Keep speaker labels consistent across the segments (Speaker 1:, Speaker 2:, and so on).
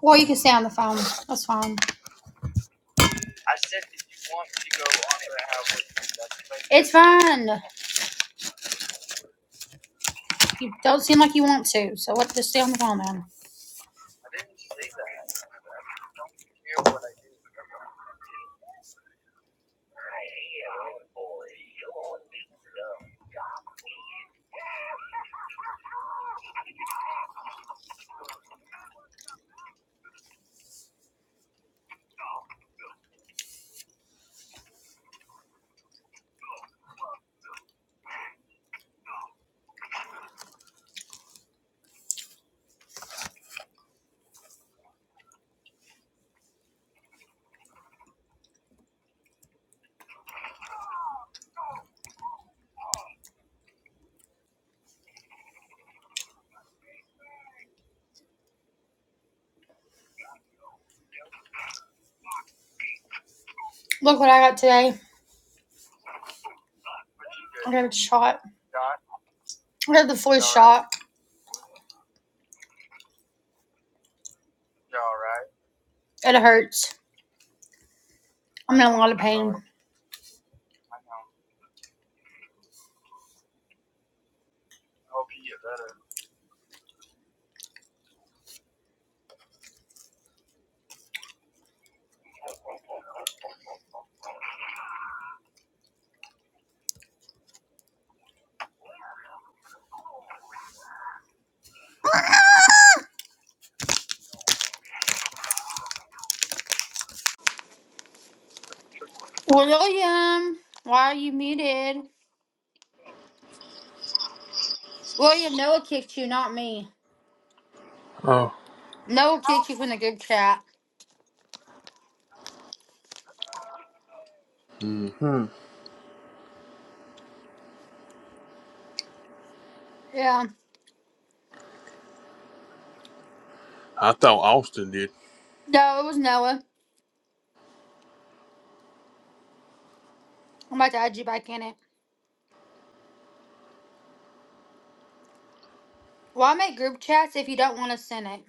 Speaker 1: Well, you can stay on the phone. That's fine. It's fine. You don't seem like you want to, so let's just stay on the phone then. Look what I got today. I got a shot. I got the flu shot. It hurts. I'm in a lot of pain. William, why are you muted? William, Noah kicked you, not me.
Speaker 2: Oh,
Speaker 1: Noah kicked you from the group chat.
Speaker 2: hmm.
Speaker 1: Yeah.
Speaker 2: I thought Austin did.
Speaker 1: No, it was Noah. I'm about to add you back in it. Why make group chats if you don't want to send it?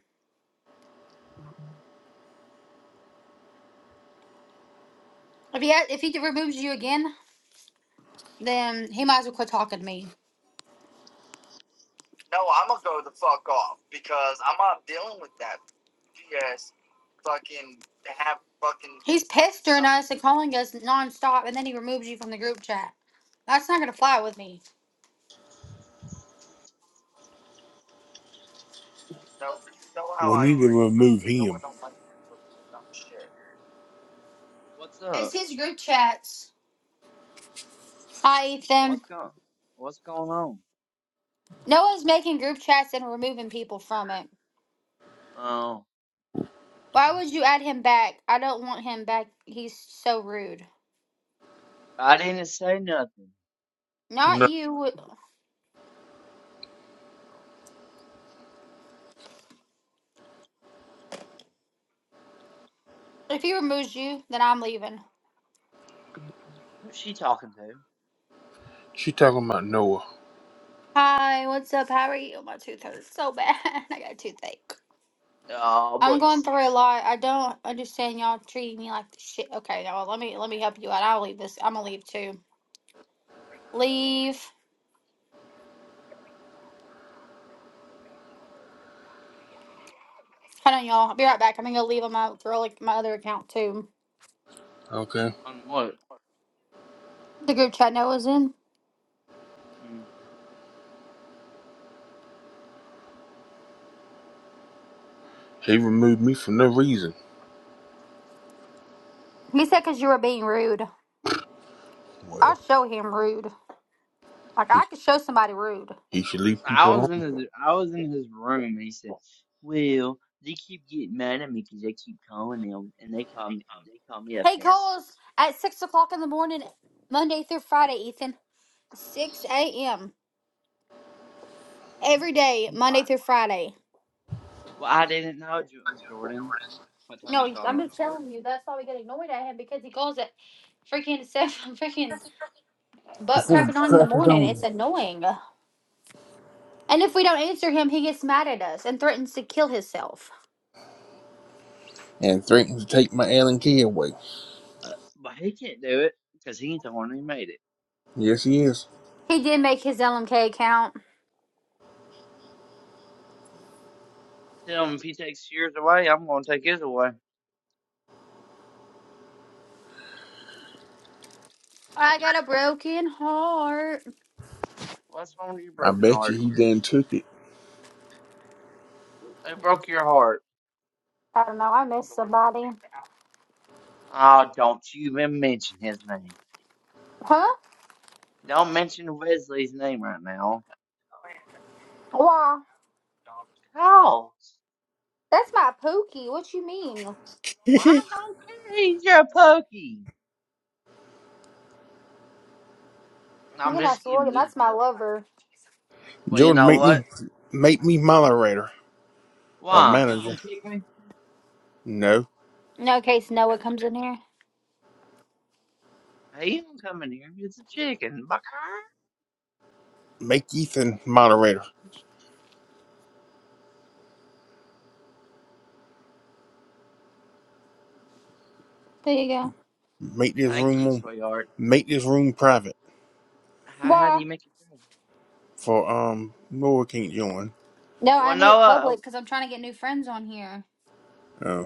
Speaker 1: If he, ha- if he removes you again, then he might as well quit talking to me. He's pestering us and calling us nonstop, and then he removes you from the group chat. That's not gonna fly with me.
Speaker 2: We need to remove him.
Speaker 3: What's
Speaker 1: It's
Speaker 3: up?
Speaker 1: his group chats. Hi, Ethan.
Speaker 3: What's going? What's going on?
Speaker 1: Noah's making group chats and removing people from it.
Speaker 3: Oh,
Speaker 1: Why would you add him back? I don't want him back. He's so rude.
Speaker 3: I didn't say nothing.
Speaker 1: Not you.
Speaker 3: Oh,
Speaker 1: If he removes you, then I'm leaving.
Speaker 3: who's she talking to?
Speaker 2: She talking about Noah.
Speaker 1: Hi, what's up? How are you? My tooth hurts so bad. I got a toothache.
Speaker 3: Oh,
Speaker 1: I'm going
Speaker 3: bless it.
Speaker 1: through a lot. I don't understand y'all treating me like the shit. Okay, now let me let me help you out. I'll leave this. I'm gonna leave too. Leave. Hold on, y'all. I'll be right back. I'm gonna go leave on my throw like my other account too.
Speaker 2: Okay.
Speaker 3: On what?
Speaker 1: The group chat Noah was in.
Speaker 3: Mm.
Speaker 2: He removed me for no reason.
Speaker 1: He said because you were being rude. I'll
Speaker 2: Well,
Speaker 1: show him rude. Like I could show somebody rude.
Speaker 2: he should leave people
Speaker 3: I was in
Speaker 2: alone.
Speaker 3: his. I was in his room. And he said, "Well, they keep getting mad at me 'cause I keep calling them, and they call me. They call me a
Speaker 1: He
Speaker 3: pastor.
Speaker 1: calls at six o'clock in the morning, Monday through Friday. Ethan, six a.m. every day, Monday
Speaker 3: Why?
Speaker 1: through Friday.
Speaker 3: Well, I didn't know Jo- Jordan. What time
Speaker 1: No,
Speaker 3: he
Speaker 1: he's-
Speaker 3: called?
Speaker 1: I'm
Speaker 3: I'm
Speaker 1: just
Speaker 3: sorry,
Speaker 1: telling you. That's why we get annoyed at him because he calls it freaking seven, freaking butt
Speaker 2: Before
Speaker 1: cracking
Speaker 2: he
Speaker 1: on in the
Speaker 2: crackers
Speaker 1: morning.
Speaker 2: on me
Speaker 1: It's annoying. And if we don't answer him, he gets mad at us and threatens to kill himself.
Speaker 2: And threatened to take my Allen key away.
Speaker 3: uh, but he can't do it 'cause he ain't the one who made it.
Speaker 2: Yes, he is.
Speaker 1: He did make his LMK account.
Speaker 3: Tell him if he takes yours away, I'm gonna take his away.
Speaker 1: I got a broken heart.
Speaker 3: What's wrong with your
Speaker 2: I
Speaker 3: broken
Speaker 2: bet you
Speaker 3: heart?
Speaker 2: he done took it.
Speaker 3: Who broke your heart,
Speaker 1: I don't know. I miss
Speaker 3: Jordan?
Speaker 1: somebody.
Speaker 3: Oh, don't you even mention his name.
Speaker 1: Huh?
Speaker 3: Don't mention Wesley's name right now.
Speaker 1: Why?
Speaker 3: Cause,
Speaker 1: That's my pookie. What you mean?
Speaker 3: well, I don't care. He's your pokey.
Speaker 1: You
Speaker 3: I'm
Speaker 1: can
Speaker 3: just
Speaker 1: ask
Speaker 3: giving
Speaker 1: William.
Speaker 3: you
Speaker 1: That's my
Speaker 3: hell.
Speaker 1: lover.
Speaker 3: Well, you
Speaker 2: Jordan,
Speaker 3: know
Speaker 2: make
Speaker 3: what?
Speaker 2: me make me moderator or
Speaker 3: Why? You gonna
Speaker 2: manager.
Speaker 3: kick me?
Speaker 2: No,
Speaker 1: No, in case Noah
Speaker 3: Okay.
Speaker 1: comes in here.
Speaker 3: Hey, you don't come in here. It's a chicken, bucker.
Speaker 2: make Ethan moderator.
Speaker 1: There you go.
Speaker 2: Make this
Speaker 3: Thank you,
Speaker 2: room
Speaker 3: sweetheart.
Speaker 2: make this room private
Speaker 3: How, how do
Speaker 1: Why?
Speaker 3: you make it better?
Speaker 2: for um Noah can't join.
Speaker 1: No, I
Speaker 3: Well,
Speaker 1: need it
Speaker 3: Noah.
Speaker 1: public
Speaker 3: uh,
Speaker 1: because I'm trying to get new friends on here.
Speaker 2: Oh.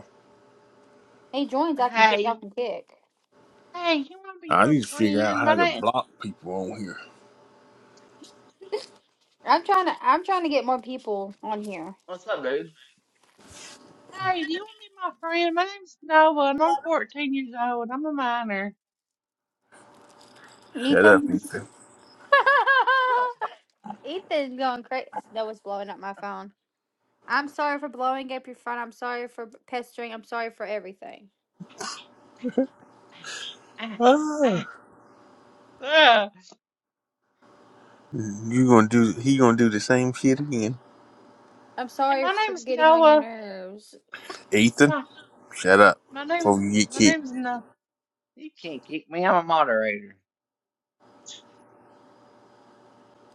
Speaker 1: Hey, joins. I can kick. Y'all
Speaker 3: Hey,
Speaker 1: can kick.
Speaker 3: hey, you wanna be
Speaker 2: I
Speaker 3: my
Speaker 2: need to figure
Speaker 3: friend?
Speaker 2: out
Speaker 3: My
Speaker 2: how to
Speaker 3: name.
Speaker 2: block people on here.
Speaker 1: I'm trying to. I'm trying to get more people on here.
Speaker 3: What's up, dude? Hey, do you want to be my friend? My name's Nova, and I'm 14 years old, I'm a minor.
Speaker 2: Shut up.
Speaker 1: Ethan. Ethan's going crazy. That was blowing up my phone. I'm sorry for blowing up your phone. I'm sorry for pestering. I'm sorry for everything.
Speaker 3: Ah, ah,
Speaker 2: Ah,
Speaker 3: ah.
Speaker 2: you gonna do? He gonna do the same shit again.
Speaker 1: I'm
Speaker 3: and
Speaker 1: sorry
Speaker 3: my
Speaker 1: for
Speaker 3: name's
Speaker 1: getting on your
Speaker 3: Noah.
Speaker 1: nerves.
Speaker 3: and
Speaker 2: Ethan,
Speaker 3: My
Speaker 2: shut up
Speaker 3: my name's
Speaker 2: before you get
Speaker 3: my
Speaker 2: kicked.
Speaker 3: name's No. You can't kick me. I'm a moderator.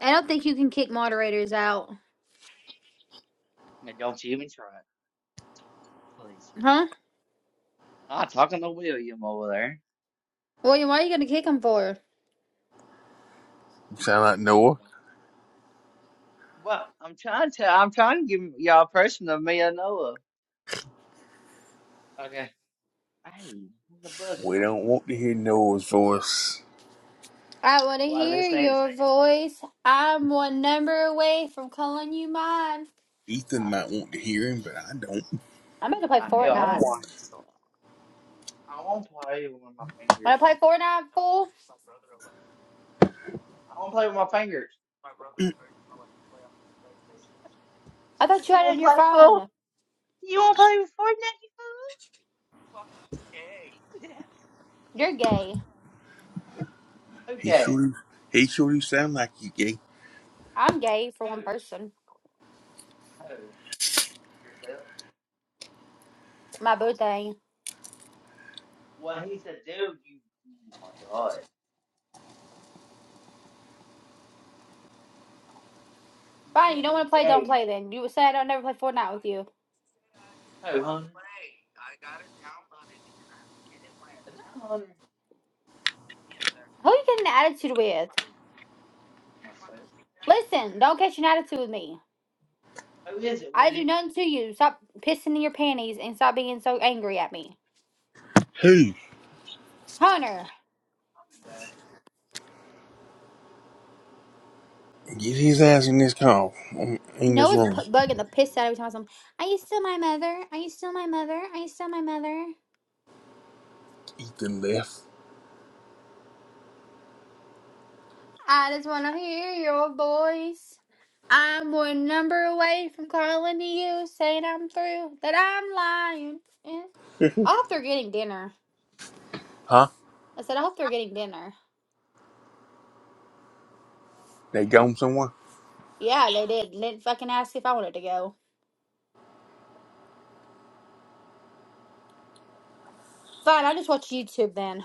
Speaker 1: I don't think you can kick moderators out,
Speaker 3: Now don't you even try it, please.
Speaker 1: huh?
Speaker 3: Ah, talking to William over there.
Speaker 1: William, why are you gonna kick them for?
Speaker 2: You sound like
Speaker 3: I ain't
Speaker 2: Noah.
Speaker 3: gonna- Well, I'm trying to. I'm trying to give y'all a person of me and Noah. Okay. Hey, what's the buzzing
Speaker 2: We
Speaker 3: on?
Speaker 2: don't want to hear Noah's voice.
Speaker 1: I want to
Speaker 3: Well,
Speaker 1: hear
Speaker 3: this ain't?
Speaker 1: your voice. I'm one number away from calling you mine.
Speaker 2: Ethan
Speaker 1: Oh,
Speaker 2: might want to hear him, but I don't.
Speaker 1: I'm about to play
Speaker 3: Uh, hell, I don't
Speaker 1: Fortnite.
Speaker 3: want. I won't play with my fingers.
Speaker 1: Want to play Fortnite, fool?
Speaker 3: I don't play with my fingers.
Speaker 1: I thought you
Speaker 3: You
Speaker 1: had it
Speaker 3: wanna
Speaker 1: on your
Speaker 3: play fool?
Speaker 1: phone.
Speaker 3: You wanna play with Fortnite, you fool?
Speaker 1: You're gay.
Speaker 2: He
Speaker 3: okay.
Speaker 2: sure He sure do sound like you, gay.
Speaker 1: I'm gay for
Speaker 3: Who?
Speaker 1: one person.
Speaker 3: Who? Yourself?
Speaker 1: My boo thing.
Speaker 3: Well, he said? dude. You. Oh my god. You
Speaker 1: Fine, you
Speaker 3: can't
Speaker 1: don't want
Speaker 3: be
Speaker 1: to play, don't
Speaker 3: gay.
Speaker 1: play then. You said I'll never play Fortnite with you.
Speaker 3: Who, Hunter? Is that Hunter?
Speaker 1: Who you getting an attitude with?
Speaker 3: Myself.
Speaker 1: Listen, don't catch an attitude with me.
Speaker 3: Who is it,
Speaker 1: I do
Speaker 3: William?
Speaker 1: nothing to you. Stop pissing in your panties and stop being so angry at me.
Speaker 2: Hey,
Speaker 1: Hunter,
Speaker 3: I'll be back.
Speaker 2: get his ass in this car. I'm in this
Speaker 1: Noah's
Speaker 2: room.
Speaker 1: p- bugging the piss out of me. telling him, Are you still my mother? Are you still my mother? Are you still my mother?
Speaker 2: Ethan left.
Speaker 1: I just want to hear your voice. I'm one number away from calling to you, saying I'm through, that I'm lying. Yeah. I hope they're getting dinner.
Speaker 2: Huh?
Speaker 1: I said, I hope they're getting dinner.
Speaker 2: They gone somewhere.
Speaker 1: Yeah, they did. They didn't fucking ask if I wanted to go. Fine, I'll just watch YouTube then.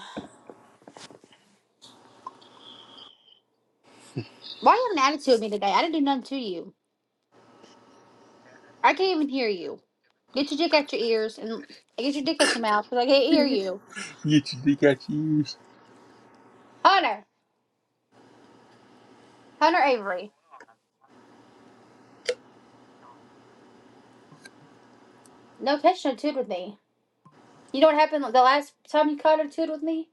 Speaker 1: Why you have an attitude with me today? I didn't do nothing to you. I can't even hear you. Get your dick out your ears and get your dick out your mouth because I can't hear you.
Speaker 2: Get your dick out your ears.
Speaker 1: Hunter, Hunter Avery, no catch no attitude with me. You know what happened the last time you caught an attitude with me?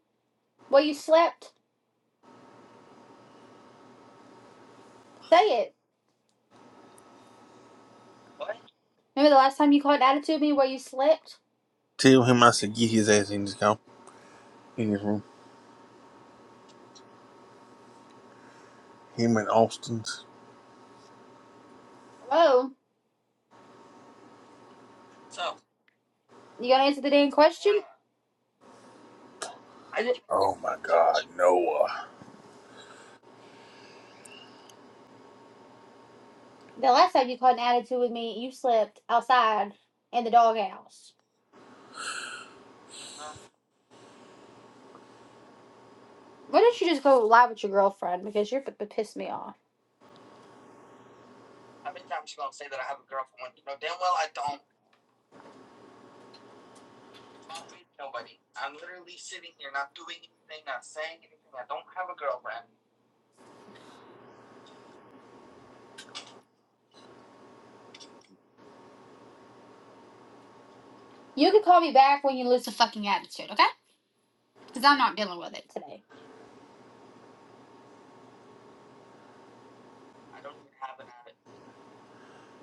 Speaker 1: Where you slept? Say it. Remember the last time you caught an attitude with me where you slept?
Speaker 2: Tell him I said get his ass in this car. In this room. Him and Austin's.
Speaker 1: Oh, You gonna answer the damn question?
Speaker 2: Oh my God, Noah.
Speaker 1: The last time you caught an attitude with me, you slept outside in the doghouse. Why don't you just go lie with your girlfriend? Because you're fucking pissed me off. You can call me back when you lose the fucking attitude, okay? Because I'm not dealing with it today.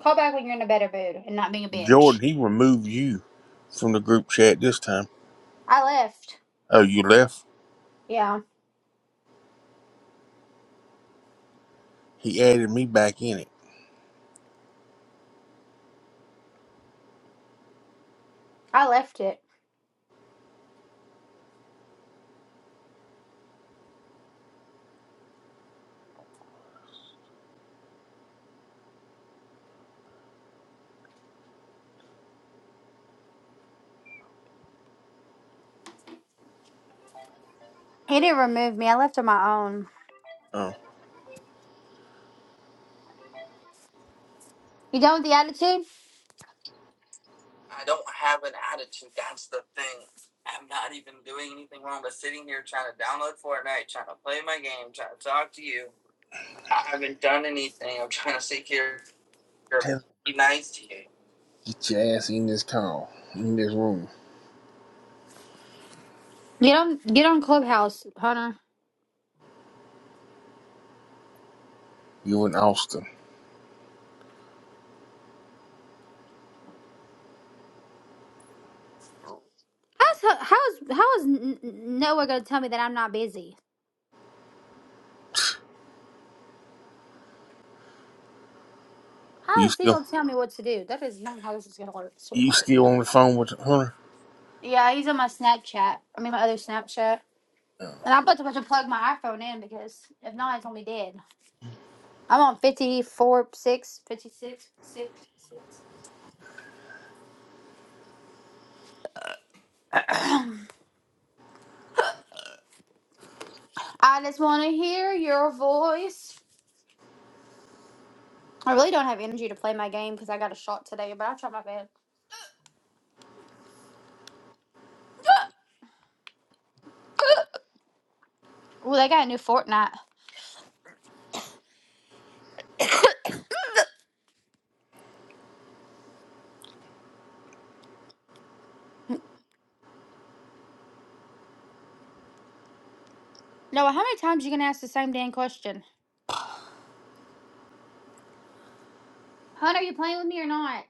Speaker 1: Call back when you're in a better mood and not being a bitch.
Speaker 2: Jordan, he removed you from the group chat this time.
Speaker 1: I left.
Speaker 2: Oh, you left?
Speaker 1: Yeah,
Speaker 2: He added me back in it.
Speaker 1: I left it. He didn't remove me. I left on my own.
Speaker 2: Oh.
Speaker 1: You done with the attitude?
Speaker 2: Get your ass in this call, in this room.
Speaker 1: Get on, get on Clubhouse, Hunter.
Speaker 2: You and Austin.
Speaker 1: How's her- how's how is N- N- Noah gonna tell me that I'm not busy? How
Speaker 2: You,
Speaker 1: is he gonna tell me what to do? That is not how this is gonna work,
Speaker 2: you
Speaker 1: sweetheart.
Speaker 2: still on the phone with Hunter?
Speaker 1: Yeah, he's on my Snapchat. I mean my other Snapchat. And I'm about to, about to plug my iPhone in because if not, it's gonna be dead. I'm on 54, fifty six fifty-six, six six. I just want to hear your voice. I really don't have energy to play my game because I got a shot today, but I'll try my best. Well, they got a new Fortnite. Noah, how many times you gonna ask the same damn question? Hun, are you playing with me or not?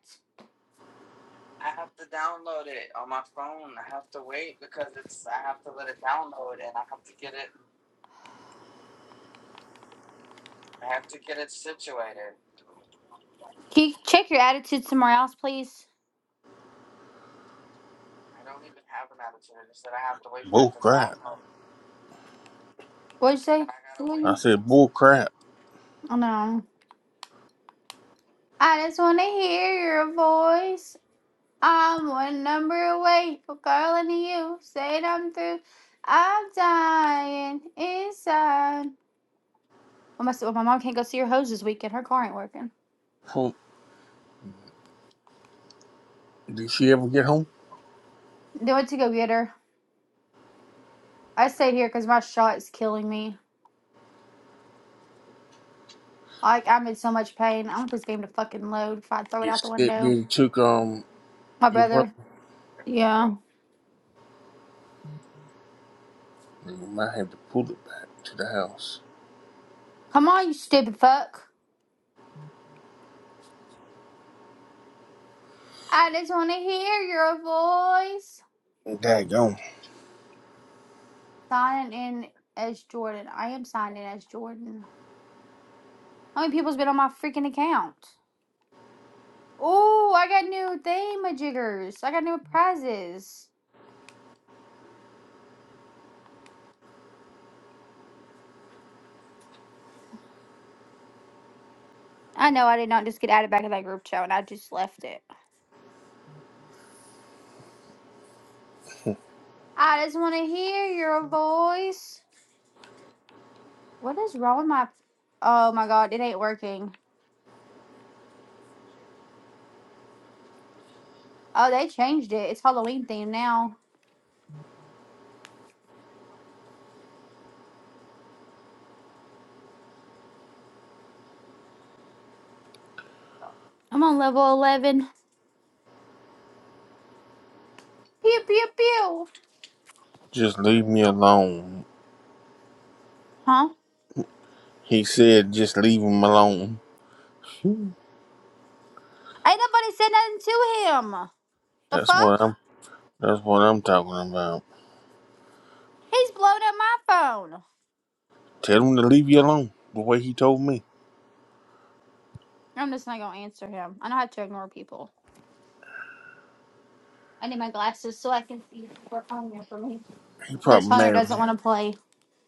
Speaker 1: Can you check your attitude somewhere else, please?
Speaker 2: Bull crap.
Speaker 1: What'd you say?
Speaker 2: I said, bull crap.
Speaker 1: Oh no. I just want to hear your voice. I'm one number away from calling to you. Saying I'm through. I'm dying inside. Well, my, well, my mom can't go see her hose this weekend. Her car ain't working.
Speaker 2: Huh. Did she ever get home?
Speaker 1: They went to go get her. I stayed here because my shot is killing me. Like, I'm in so much pain. I want this game to fucking load if I throw it out the
Speaker 2: That
Speaker 1: window.
Speaker 2: bitch took, um,
Speaker 1: My
Speaker 2: you
Speaker 1: brother. Yeah.
Speaker 2: you might have to pull it back to the house.
Speaker 1: Come on, you stupid fuck. I just want to hear your voice.
Speaker 2: Daggone.
Speaker 1: Signing in as Jordan. I am signing in as Jordan. How many people's been on my freaking account? Oh, I got new thingamajiggers. I got new prizes. I know I did not just get added back to that group chat and I just left it. I just want to hear your voice. What is wrong with my. Oh my god, it ain't working. Oh, they changed it. It's Halloween themed now. I'm on level 11. Pew, pew, pew.
Speaker 2: Just leave me alone.
Speaker 1: Huh?
Speaker 2: He said, just leave him alone.
Speaker 1: Ain't nobody said nothing to him.
Speaker 2: Phew.
Speaker 1: The
Speaker 2: That's what
Speaker 1: fuck?
Speaker 2: I'm. That's what I'm talking about.
Speaker 1: He's blown up my phone.
Speaker 2: Tell him to leave you alone. The way he told me,
Speaker 1: I'm just not gonna answer him. I know how to ignore people. I need my glasses so I can see what's on there for me.
Speaker 2: he
Speaker 1: Says
Speaker 2: probably
Speaker 1: Hunter
Speaker 2: mad.
Speaker 1: doesn't want to play. Didn't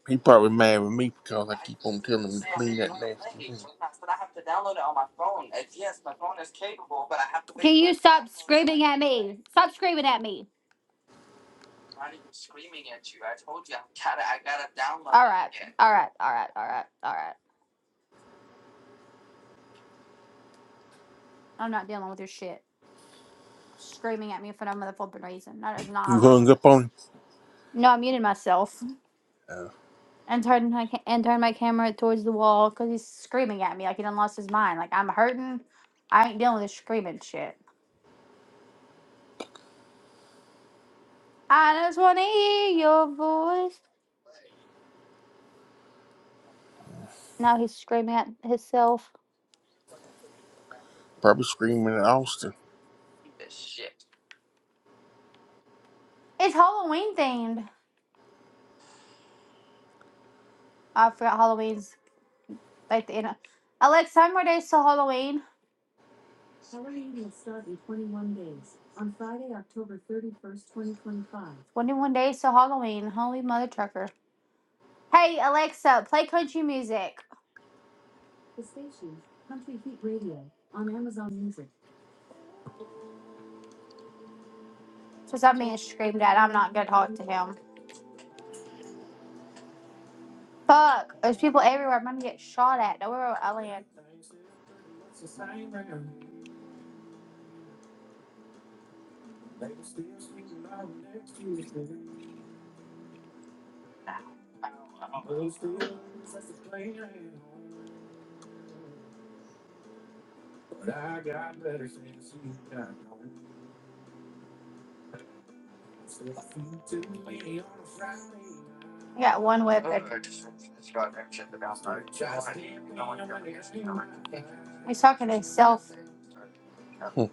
Speaker 2: He probably mad with me because I keep on telling him to
Speaker 1: say I I
Speaker 2: clean
Speaker 1: I want
Speaker 2: that nest.
Speaker 1: to to to. play. but have have to download it on my my phone. phone Yes, my phone is capable, but I have to. Wait. Can you stop screaming at me? Stop screaming at me. I'm I I I not even screaming at you. you told you I gotta, I gotta download. All right, it. all right, all right, all right, all right. I'm not dealing with your shit. screaming at me for no motherfucking reason. That is not how
Speaker 2: You
Speaker 1: to watch.
Speaker 2: hung up on him.
Speaker 1: No, I muted myself
Speaker 2: Uh,
Speaker 1: and turned my ca- and turned my camera towards the wall because he's screaming at me like he done lost his mind. Like I'm hurting. I ain't dealing with this screaming shit. I just want to hear your voice. Now he's screaming at himself.
Speaker 2: probably screaming at Austin.
Speaker 1: It's Halloween themed. I forgot Halloween's like the end. of- Alexa, how more days till Halloween? 21 days till Halloween. Holy mother trucker. Hey, Alexa, play country music. Because I'm being screamed at. I'm not going to talk to him. Fuck. There's people everywhere. I'm gonna get shot at. Don't worry about Alien. I got one weapon. He's talking to himself.
Speaker 2: Hmm.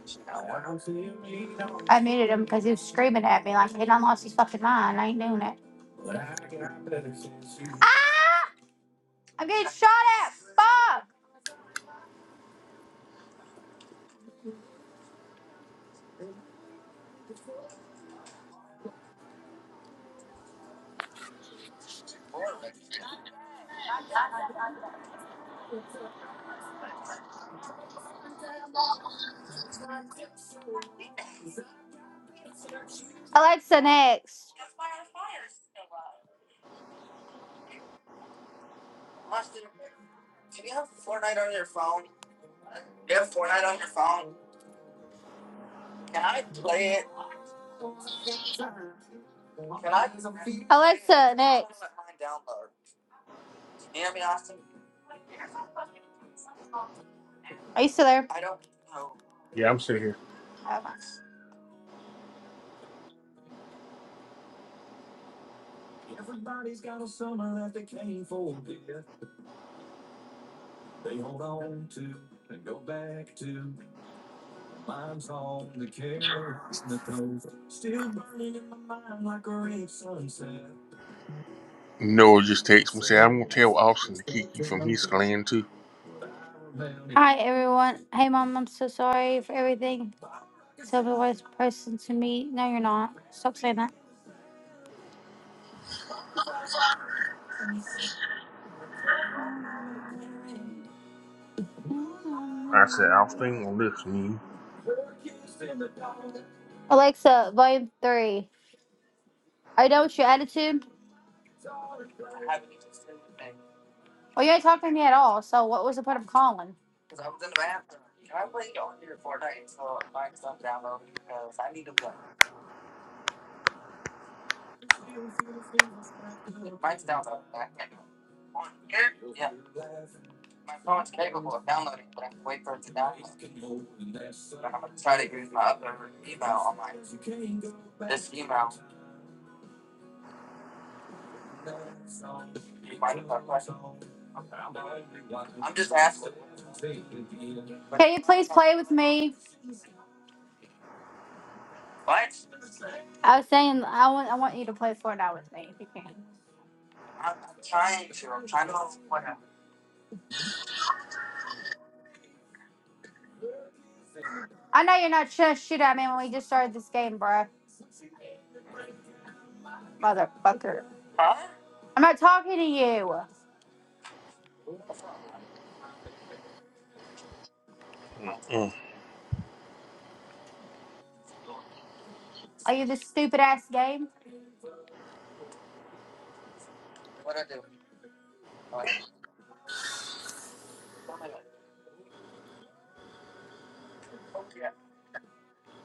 Speaker 1: I muted him because he was screaming at me like he done lost his fucking mind. I ain't doing it. Ah! I'm getting shot at. Fuck. Alexa next. Alexa next. Are you still there?
Speaker 2: Yeah, I'm sitting here.
Speaker 1: Okay.
Speaker 2: Noah just texted me say I'm gonna tell Austin to kick you from his clan too.
Speaker 1: Hi everyone. Hey mom, I'm so sorry for everything. Tell me the worst person to me. No, you're not. Stop saying that.
Speaker 2: I said Austin ain't gonna listen to you.
Speaker 1: Alexa, volume three. Are you done with your attitude? Well, you ain't talking to me at all. So what was the point of calling? Can you please play with me? I was saying I want I want you to play Fortnite with me if you can. I know you're not just shit at me when we just started this game, bruh. Motherfucker. I'm not talking to you.
Speaker 2: Mm-hmm.
Speaker 1: Are you this stupid ass game?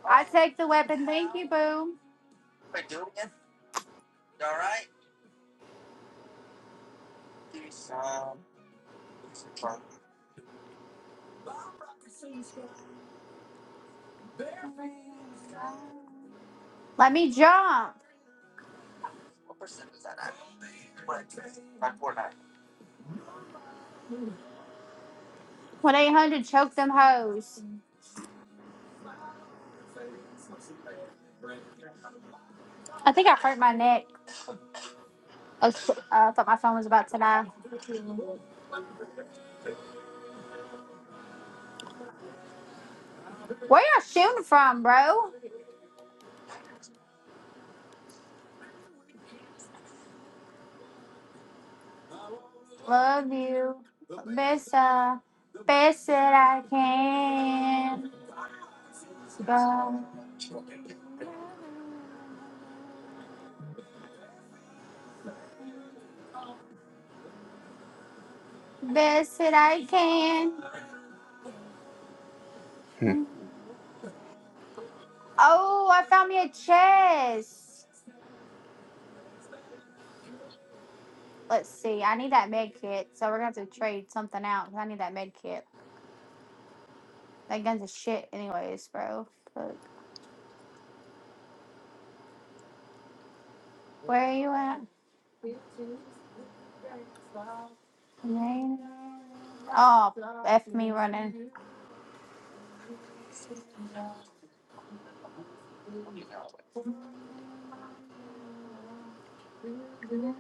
Speaker 1: I take the weapon. Thank you, boo. Let me jump. 1 800 choke them hoes. I think I hurt my neck. I, was, uh, I thought my phone was about to die. Where y'all shooting from, bro? Love you. Best, uh, best that I can. Go. Best that I can. Oh, I found me a chest. Let's see. I need that med kit, so we're gonna have to trade something out. Cause I need that med kit. That gun's a shit, anyways, bro. Fuck. Where are you at? Oh, f me running. Mm.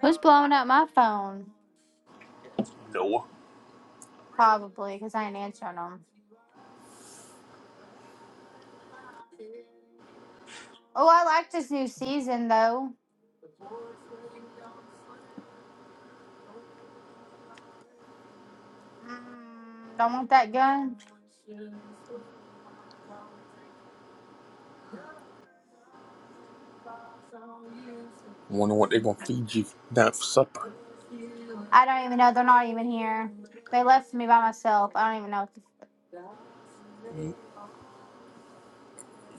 Speaker 1: Who's blowing up my phone?
Speaker 2: Noah,
Speaker 1: Probably because I ain't answering them. Oh, I like this new season though. Mm, don't want that gun.
Speaker 2: wonder what they're gonna feed you tonight for supper.
Speaker 1: I don't even know. They're not even here. They left me by myself. I don't even know.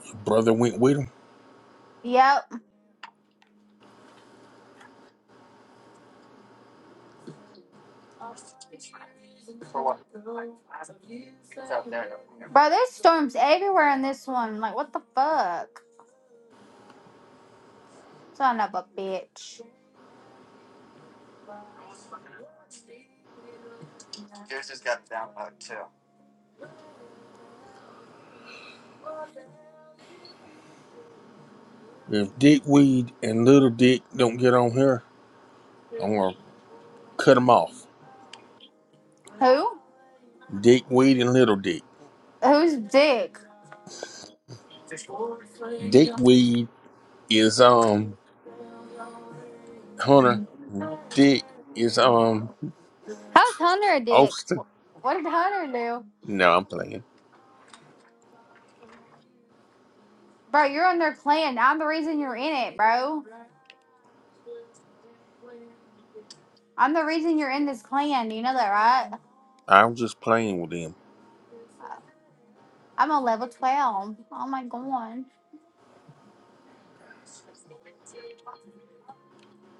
Speaker 2: Your brother went with him.
Speaker 1: Yep. Bro, there's storms everywhere in this one. Like, what the fuck? Son of a bitch.
Speaker 2: If Dick Weed and Little Dick don't get on here, I'm gonna cut cut 'em off.
Speaker 1: Who?
Speaker 2: Dickweed and Little Dick.
Speaker 1: Who's Dick?
Speaker 2: Dickweed is um Hunter. Dick is um
Speaker 1: How's Hunter a dick?
Speaker 2: Austin.
Speaker 1: What did Hunter do?
Speaker 2: No, I'm playing.
Speaker 1: Bro, you're on their clan. I'm the reason you're in it, bro. I'm the reason you're in this clan. You know that, right?
Speaker 2: I'm just playing with them.
Speaker 1: Uh, I'm a level 12. Oh my god.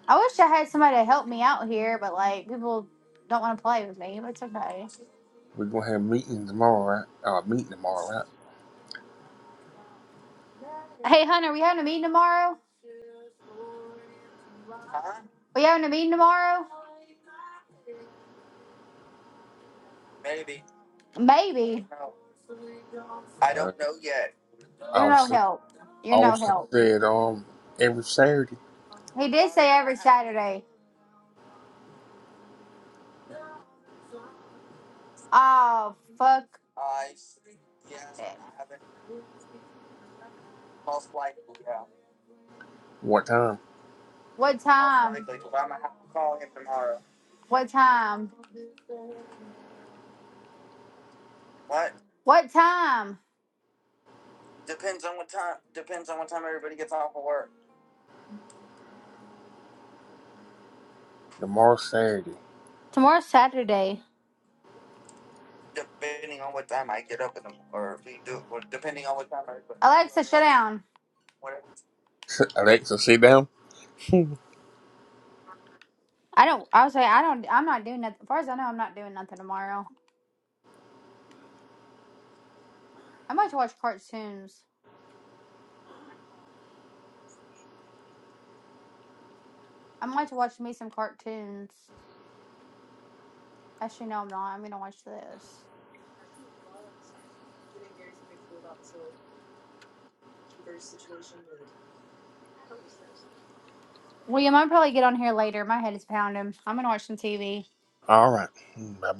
Speaker 1: I wish I had somebody to help me out here, but like, people don't want to play with me, but it's okay.
Speaker 2: We're gonna have meeting tomorrow, right? Uh, meeting tomorrow, right?
Speaker 1: Hey, Hunter, we having a meeting tomorrow? We having a meeting tomorrow? Maybe. You're no help. You're no
Speaker 2: Austin
Speaker 1: help.
Speaker 2: said um every Saturday.
Speaker 1: He did say every Saturday. Oh, fuck.
Speaker 2: What time?
Speaker 1: What time? What time? What time?
Speaker 2: Tomorrow Saturday.
Speaker 1: Tomorrow's Saturday. Depending depending on on what what time time. I get up in the or we do, or depending on what time I. Alexa, shut down.
Speaker 2: Alexa, sit down.
Speaker 1: I don't. I was like, I don't. I'm not doing nothing. As far as I know, I'm not doing nothing tomorrow. I am to watch cartoons. I am to watch me some cartoons. Actually, no, I'm not. I'm gonna watch this. William, I'll probably get on here later. My head is pounding. I'm gonna watch some TV.
Speaker 2: All right. Bye bye.